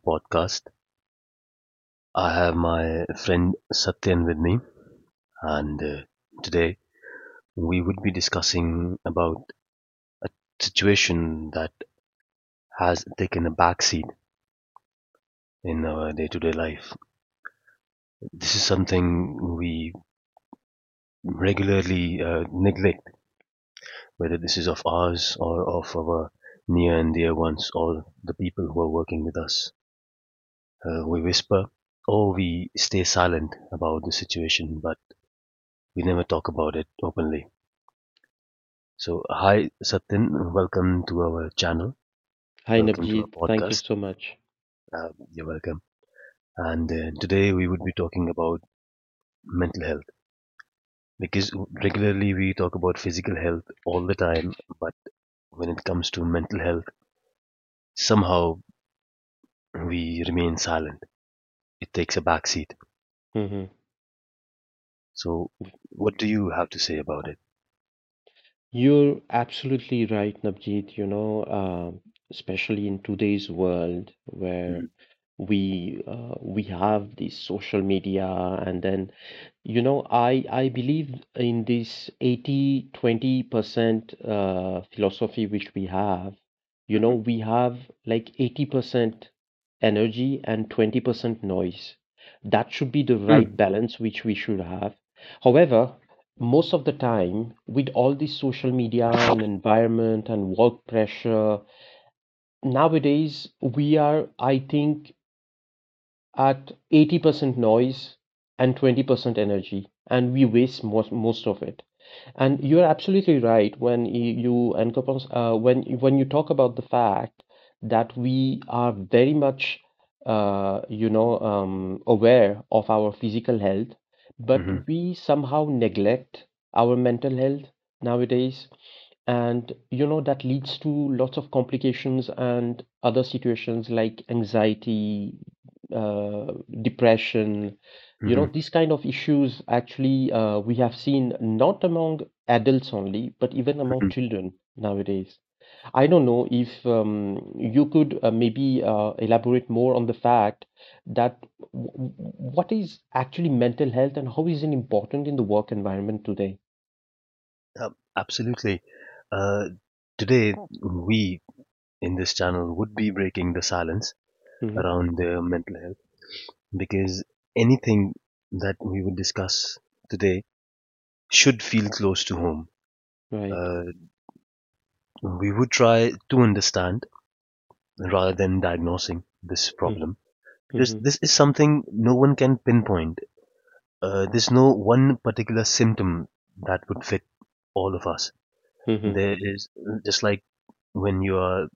podcast. I have my friend Satyan with me, and today we would be discussing about a situation that has taken a backseat in our day-to-day life. This is something we regularly neglect, whether this is of ours or of our near and dear ones or the people who are working with us. We whisper or we stay silent about the situation, but we never talk about it openly. So, hi Satin, welcome to our channel, Hi, welcome to our Navjeet. Thank you podcast. so much. You're welcome. And today we would be talking about mental health, because regularly we talk about physical health all the time, but when it comes to mental health, somehow we remain silent. It takes a backseat. Hmm. So, what do you have to say about it? You're absolutely right, Navjeet. Especially in today's world where we have this social media, and I believe in this 80/20% philosophy which we have. Mm-hmm. We have like 80% energy and 20% noise. That should be the right Mm-hmm. balance which we should have. However, most of the time with all the social media and environment and work pressure nowadays we are I think at 80% noise and 20% energy and we waste most of it. And you're absolutely right when you and Kapons, when you talk about the fact that we are very much aware of our physical health, but Mm-hmm. we somehow neglect our mental health nowadays. And that leads to lots of complications and other situations like anxiety, uh, depression, Mm-hmm. these kind of issues actually we have seen not among adults only, but even among children nowadays. I don't know if you could maybe elaborate more on the fact that what is actually mental health and how is it important in the work environment today? Absolutely. Uh, Today, we in this channel would be breaking the silence Hmm. around mental health, because anything that we would discuss today should feel close to home. Right. Uh, we would try to understand rather than diagnosing this problem, because Mm-hmm. this is something no one can pinpoint. There's no one particular symptom that would fit all of us. Mm-hmm. There is, just like when you are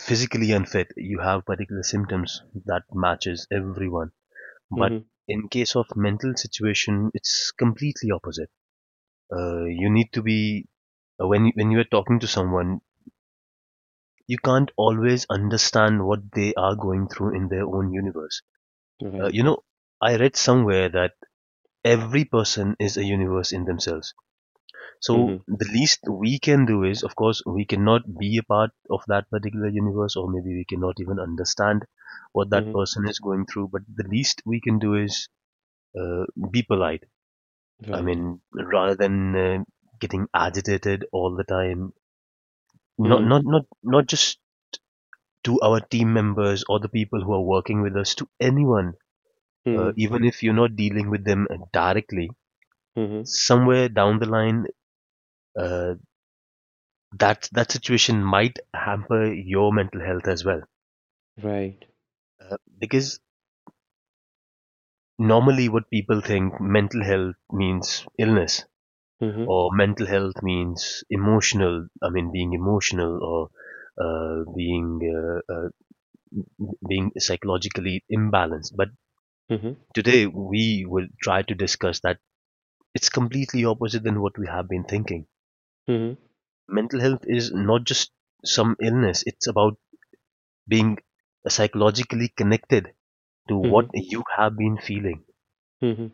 physically unfit, you have particular symptoms that matches everyone. But Mm-hmm. in case of mental situation, it's completely opposite. You need to be when you are talking to someone, you can't always understand what they are going through in their own universe. You Right. know, I read somewhere that every person is a universe in themselves. So Mm-hmm. the least we can do is, of course, we cannot be a part of that particular universe, or maybe we cannot even understand what that Mm-hmm. person is going through. But the least we can do is uh, be polite. I Right. mean, rather than getting agitated all the time, not Mm-hmm. not not not just to our team members or the people who are working with us, to anyone, even if you're not dealing with them directly, Mm-hmm. somewhere down the line, uh, that situation might hamper your mental health as well, Right. Because normally what people think mental health means illness, Mm-hmm. or mental health means emotional, I mean being emotional, or being being psychologically imbalanced. But Mm-hmm. today we will try to discuss that it's completely opposite than what we have been thinking. Mhm, Mental health is not just some illness, it's about being psychologically connected to what mhm, you have been feeling. mhm.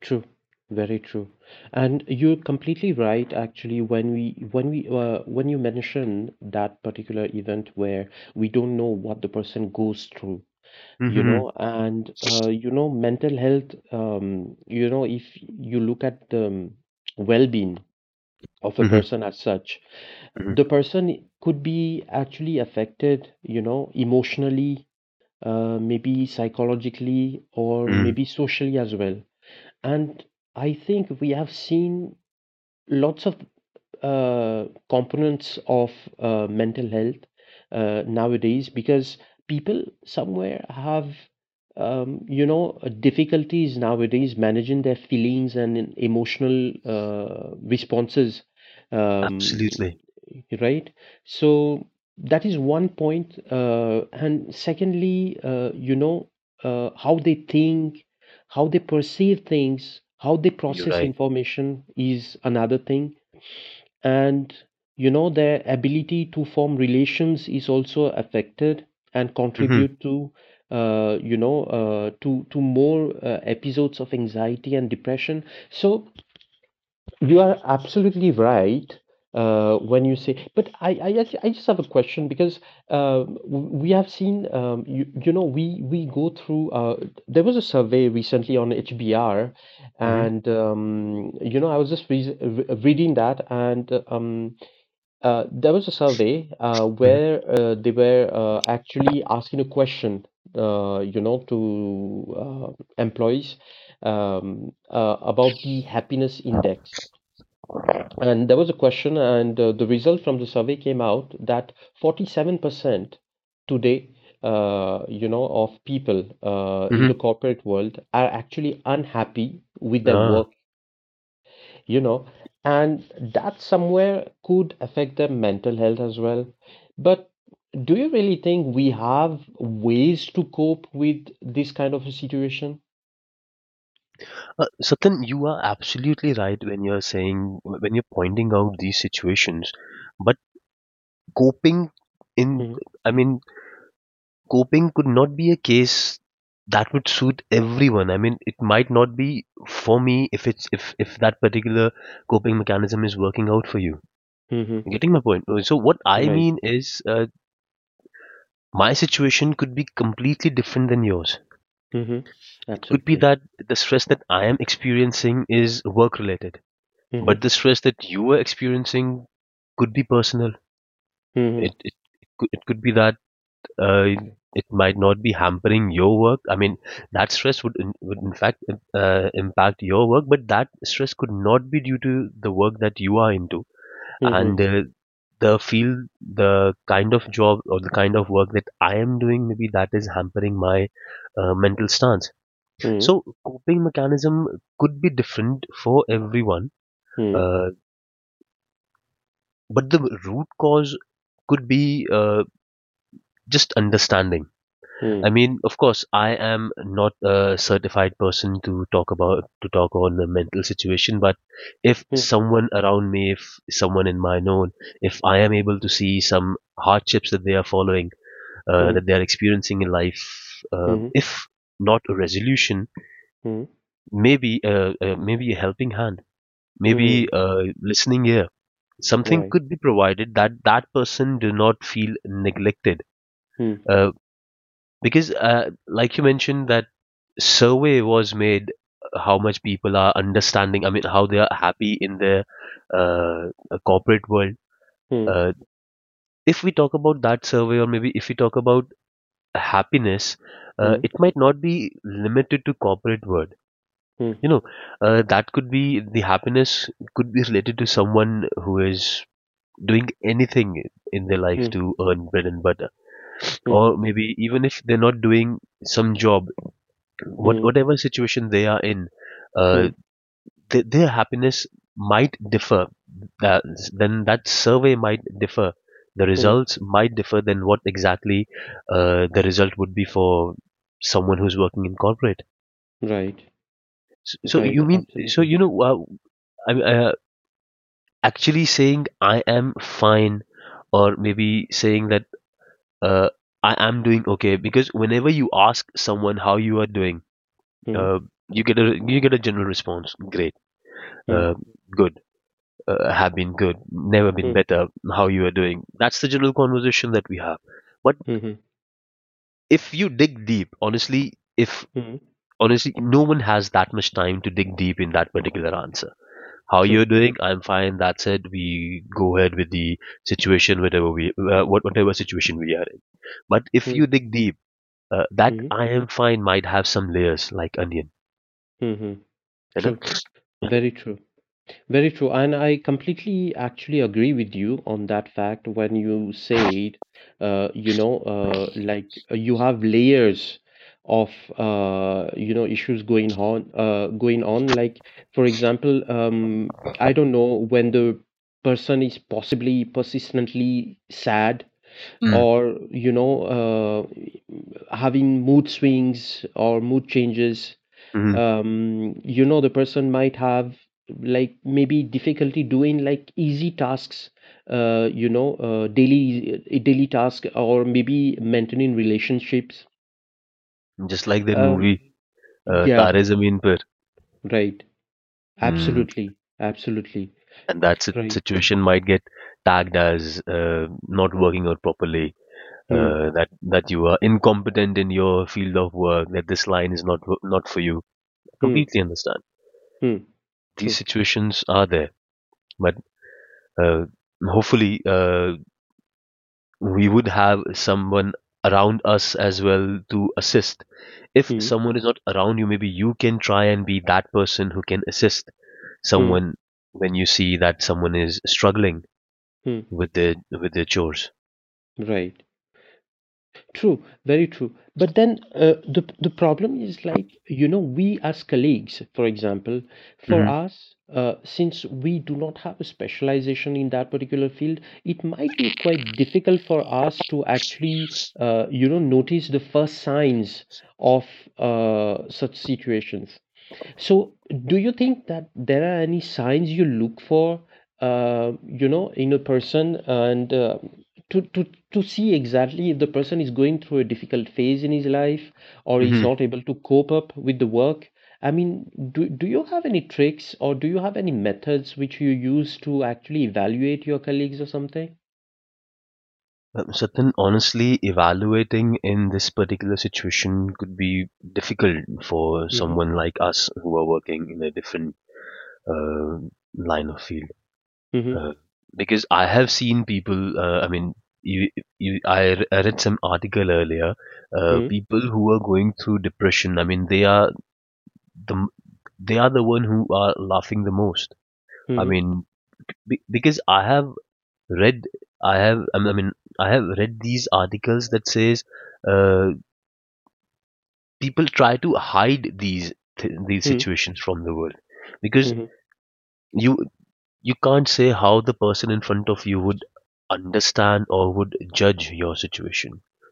True, very true. And you're completely right, actually, when we when we when you mention that particular event where we don't know what the person goes through, Mhm, and mental health, if you look at the well-being of a mhm, person as such. mhm, The person could be actually affected, emotionally, maybe psychologically, or mhm. maybe socially as well. And I think we have seen lots of components of mental health nowadays because people somewhere have difficulties nowadays managing their feelings and emotional responses, um, Absolutely. right, so that is one point, and secondly, how they think, how they perceive things, how they You're process right. information is another thing. And, their ability to form relations is also affected and Mhm, contribute to, you know, to more episodes of anxiety and depression. So you are absolutely right when you say. But I just have a question, because we have seen, you, you know, we go through, there was a survey recently on HBR, mhm, and, I was just reading that, and there was a survey mhm, where they were actually asking a question, to employees, about the happiness index. And there was a question, and the result from the survey came out that 47% today, of people in the mhm. corporate world are actually unhappy with their Ah, work, you know, and that somewhere could affect their mental health as well. But do you really think we have ways to cope with this kind of a situation? Satin, you are absolutely right when you're saying, when you're pointing out these situations. But coping in, Mm-hmm. I mean, coping could not be a case that would suit everyone. I mean, it might not be for me if it's if that particular coping mechanism is working out for you. Mm-hmm. You getting my point? So what I Right. mean is, my situation could be completely different than yours. Mm-hmm. It could be Absolutely. that the stress that I am experiencing is work related, but Mhm. the stress that you are experiencing could be personal. Mhm. It it it could, it could be that uh, Okay. it might not be hampering your work. I mean, that stress would in fact impact your work, but that stress could not be due to the work that you are into, Mhm. and the field, the kind of job or the kind of work that I am doing, maybe that is hampering my mental stance. Mhm. So coping mechanism could be different for everyone. Mhm. uh, but the root cause could be just understanding. I Mhm. mean, of course, I am not a certified person to talk about, to talk on the mental situation, but if someone around me, if someone in my known, if I am able to see some hardships that they are following, Mhm. that they are experiencing in life, Mhm. if not a resolution, Mhm. Mhm. maybe maybe a helping hand, maybe Mhm. Listening ear, something Right. could be provided, that that person do not feel neglected. Mhm. Uh, because, like you mentioned, that survey was made, how much people are understanding, I mean, how they are happy in their corporate world. Mhm. uh, if we talk about that survey, or maybe if we talk about happiness, Mhm. it might not be limited to corporate world, you know. That could be, the happiness could be related to someone who is doing anything in their life Mhm. to earn bread and butter, Mhm. or Mhm. maybe even if they're not doing some job, what Mhm. whatever situation they are in, uh, Mhm. Their happiness might differ. That, then that survey might differ. The Mhm. results might differ than what exactly the result would be for someone who's working in corporate. Right. So, so Right. you mean, so Absolutely. you know, I'm actually saying I am fine, or maybe saying that uh, I am doing okay, because whenever you ask someone how you are doing, uh, Mhm. you get a, you get a general response. Great, uh, Mhm. good, have been good, never been Mhm. better, how you are doing. That's the general conversation that we have. But Mhm. if you dig deep, honestly, if Mhm. honestly, no one has that much time to dig deep in that particular answer. How True. you're doing? I'm fine. That's it. We go ahead with the situation, whatever we, whatever situation we are in. But if you Mhm. dig deep, that Mhm. I am fine might have some layers like onion, Mhm. you know. True. Very true. Very true. And I completely actually agree with you on that fact when you said, like you have layers of, issues going on. Like, for example, I don't know, when the person is possibly persistently sad Mm. or, having mood swings or mood changes, Mm. The person might have, like, maybe difficulty doing, like, easy tasks, daily task, or maybe maintaining relationships. Just like that um, movie, yeah. Tare Zameen Par. Right. Hmm. Absolutely. Absolutely And that right. situation might get tagged as not working out properly, Hmm. that you are incompetent in your field of work, that this line is not not for you. I Hmm. completely understand Hmm. these True. situations are there, but uh, hopefully we would have someone around us as well to assist. If Hmm. someone is not around you, maybe you can try and be that person who can assist Hmm. someone when you see that someone is struggling Hmm. with their, with their chores. Right. True, very true. But then, the problem is, like, we as colleagues, for example, for Mhm. us, since we do not have a specialization in that particular field, it might be quite difficult for us to actually notice the first signs of such situations. So, do you think that there are any signs you look for, in a person, and to, to, to see exactly if the person is going through a difficult phase in his life, or is Mhm. not able to cope up with the work? I mean, do you have any tricks, or do you have any methods which you use to actually evaluate your colleagues or something? So honestly, evaluating in this particular situation could be difficult for Mm-hmm. someone like us who are working in a different uh, line of field. Mm-hmm. Uh, because I have seen people, I mean, you, I, I read some article earlier, Mm-hmm. people who are going through depression, I mean, the, they are the one who are laughing the most. I Mm-hmm. mean, be, because I have read, I mean, I have read these articles that says uh, people try to hide these these Mm-hmm. situations from the world, because Mm-hmm. you you can't say how the person in front of you would understand or would judge your situation,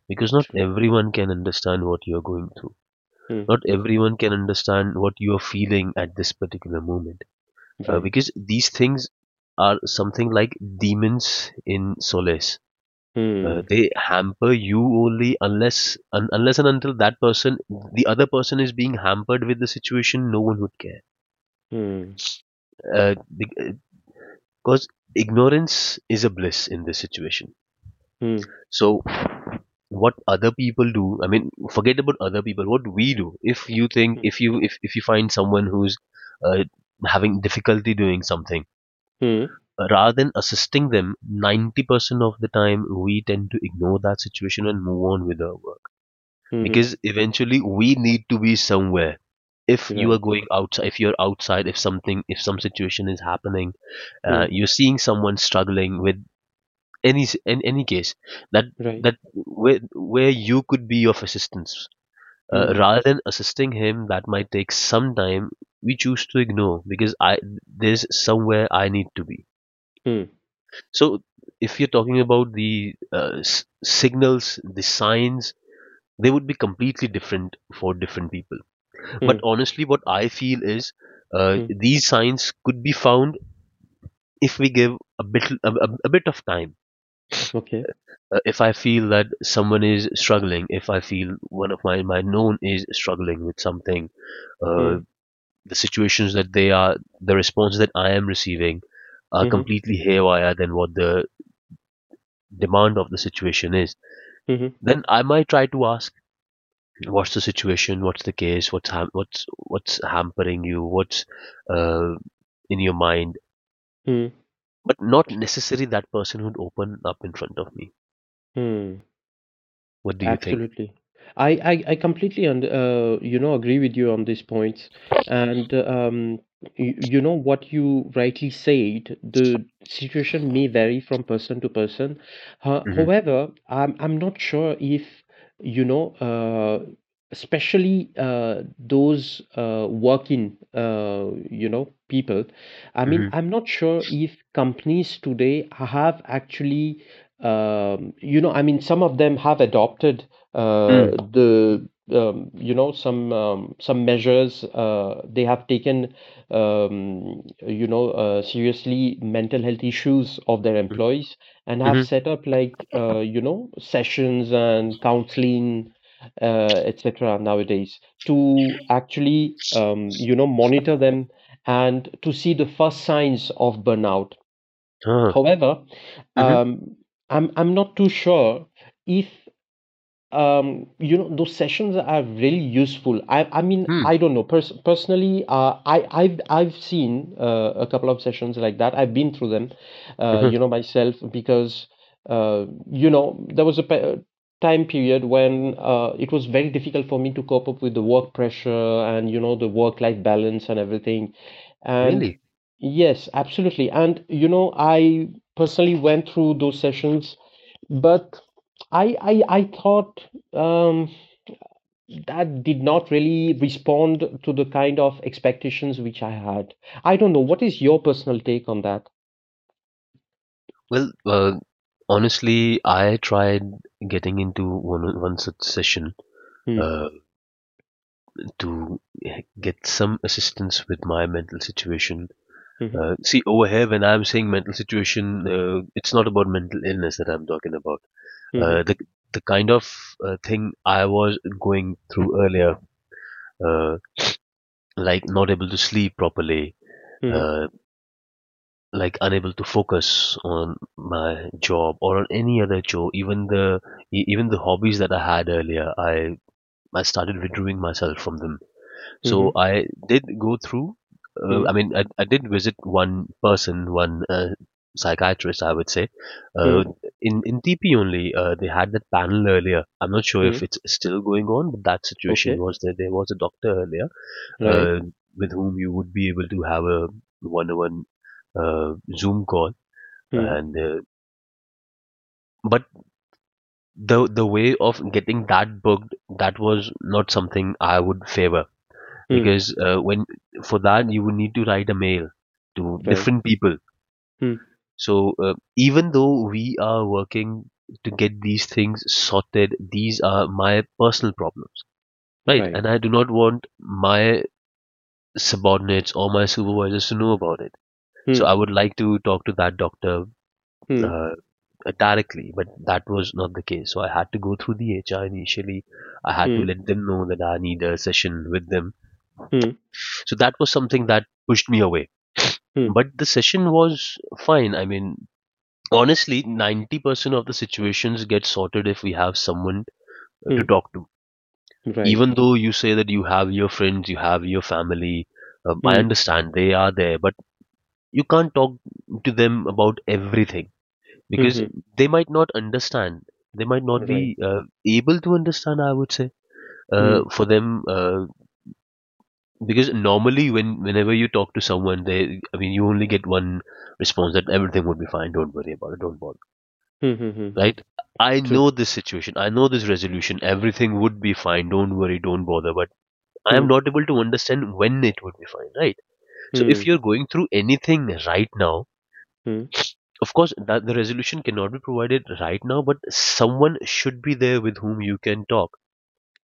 because not True. everyone can understand what you're going through, Mm. not everyone can understand what you are feeling at this particular moment, Right. because these things are something like demons in solace. Mm. They hamper you only unless, unless and until that person, the other person is being hampered with the situation, no one would care, Mm. Because ignorance is a bliss in this situation. Mm. So what other people do, I mean, forget about other people, what we do if you think, Mm. If you find someone who's uh, having difficulty doing something, Mm. Rather than assisting them, 90% of the time we tend to ignore that situation and move on with our work, Mm-hmm. because eventually we need to be somewhere. If you are Right. going outside, if you're outside, if something, if some situation is happening, Hmm, you're seeing someone struggling with any in any case, that, right. that where you could be of assistance, Hmm, rather than assisting him, that might take some time, we choose to ignore because I, there's somewhere I need to be. hmm, So if you're talking about the signals, the signs, they would be completely different for different people. hmm, But honestly, what I feel is, hmm. these signs could be found if we give a bit, a bit of time. Okay. If I feel that someone is struggling, if I feel one of my, my known is struggling with something, uh, Hmm, the situations that they are, the response that I am receiving are mhm, completely haywire than what the demand of the situation is. mhm, Then I might try to ask, what's the situation? What's the case? What's what's hampering you? What's uh, in your mind? hmm, But not necessarily that person who'd open up in front of me. hmm. What do you think? Absolutely. I completely agree with you on these points. And what you rightly said, the situation may vary from person to person. Ho- Hmm. however I'm not sure if, you know uh, especially those working people, I mean, Hmm. I'm not sure if companies today have actually, I mean, some of them have adopted uh, Mm. the some measures, they have taken seriously mental health issues of their Mm-hmm. employees, and have Mm-hmm. set up, like, sessions and counseling, etc. nowadays to actually monitor them and to see the first signs of burnout. Uh, However, mm-hmm. um, I'm not too sure if, those sessions are really useful. I mean, Mm. I don't know, personally I've seen, a couple of sessions like that. I've been through them Uh-huh. Myself, because uh there was a time period when it was very difficult for me to cope up with the work pressure and, the work life balance and everything. And Really? yes, absolutely. And I personally went through those sessions, but I thought, um, that did not really respond to the kind of expectations which I had. I don't know. What is your personal take on that? Well, honestly, I tried getting into one such session Hmm. uh, to get some assistance with my mental situation. Hmm. See, over here, when I'm saying mental situation, it's not about mental illness that I'm talking about. Hmm. Uh, the the kind of thing I was going through earlier, uh, like not able to sleep properly, Hmm. uh, like unable to focus on my job or on any other chore. Even the even the hobbies that I had earlier, I started withdrawing myself from them. Hmm. So I did go through. Hmm. I mean, I did visit one person, one psychiatrist, I would say. Hmm. Uh, in TP only, they had that panel earlier. I'm not sure Hmm. if it's still going on, but that situation Okay. was there. There was a doctor earlier uh, Right. with whom you would be able to have a one-on-one Zoom call. Hmm. And but the way of getting that booked, that was not something I would favor, Hmm. because when for that you would need to write a mail to Right. different people. Hmm. So even though we are working to get these things sorted, these are my personal problems, right? And Right. I do not want my subordinates or my supervisors to know about it. So Hmm. I would like to talk to that doctor Hmm. uh, directly, but that was not the case. So I had to go through the HR initially. I had to Hmm. let them know that I need a session with them. Hmm. So that was something that pushed me away. Hmm. But the session was fine. I mean, honestly, 90% of the situations get sorted if we have someone to Hmm. talk to. Right. Even though you say that you have your friends, you have your family, I Hmm. understand they are there, but you can't talk to them about everything, Hmm. because Hmm. they might not understand, they might not Right. be able to understand, I would say, Hmm. For them, because normally when, whenever you talk to someone, they, I mean, you only get one response, that everything would be fine, don't worry about it, don't bother, Hmm. Hmm. Hmm. right? I True. know this situation, I know this resolution, everything would be fine, don't worry, don't bother. But I am Hmm. not able to understand when it would be fine, right? So if Hmm. you're going through anything right now, Hmm. of course that the resolution cannot be provided right now, but someone should be there with whom you can talk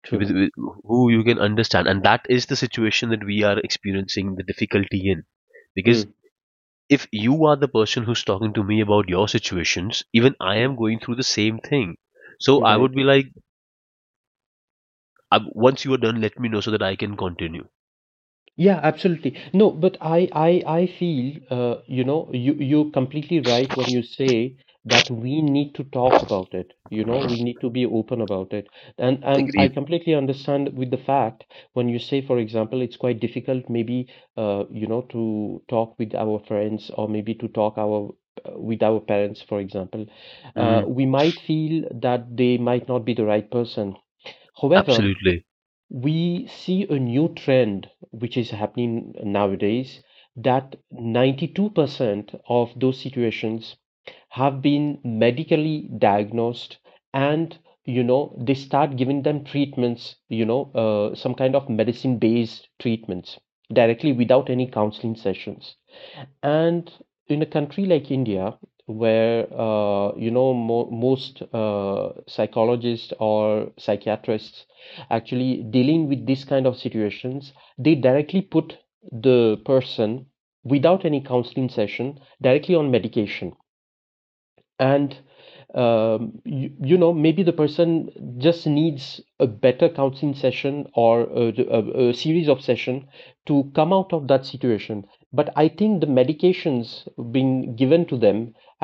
True. With who you can understand. And that is the situation that we are experiencing the difficulty in, because Hmm. if you are the person who's talking to me about your situations, even I Hmm. am going through the same thing, so I would Right. be like, I, once you are done let me know so that I can continue. Yeah, absolutely. No, but I feel, you're completely right when you say that we need to talk about it. We need to be open about it. And I Agreed. completely understand with the fact when you say, for example, it's quite difficult maybe, to talk with our friends, or maybe to talk our with our parents, for example. Mm, We might feel that they might not be the right person. However, absolutely. we see a new trend which is happening nowadays, that 92% of those situations have been medically diagnosed, and they start giving them treatments, some kind of medicine based treatments, directly without any counseling sessions. And in a country like India, where mo most psychologists or psychiatrists actually dealing with this kind of situations, they directly put the person without any counseling session, directly on medication. And maybe the person just needs a better counseling session, or a series of session to come out of that situation. But I think the medications being given to them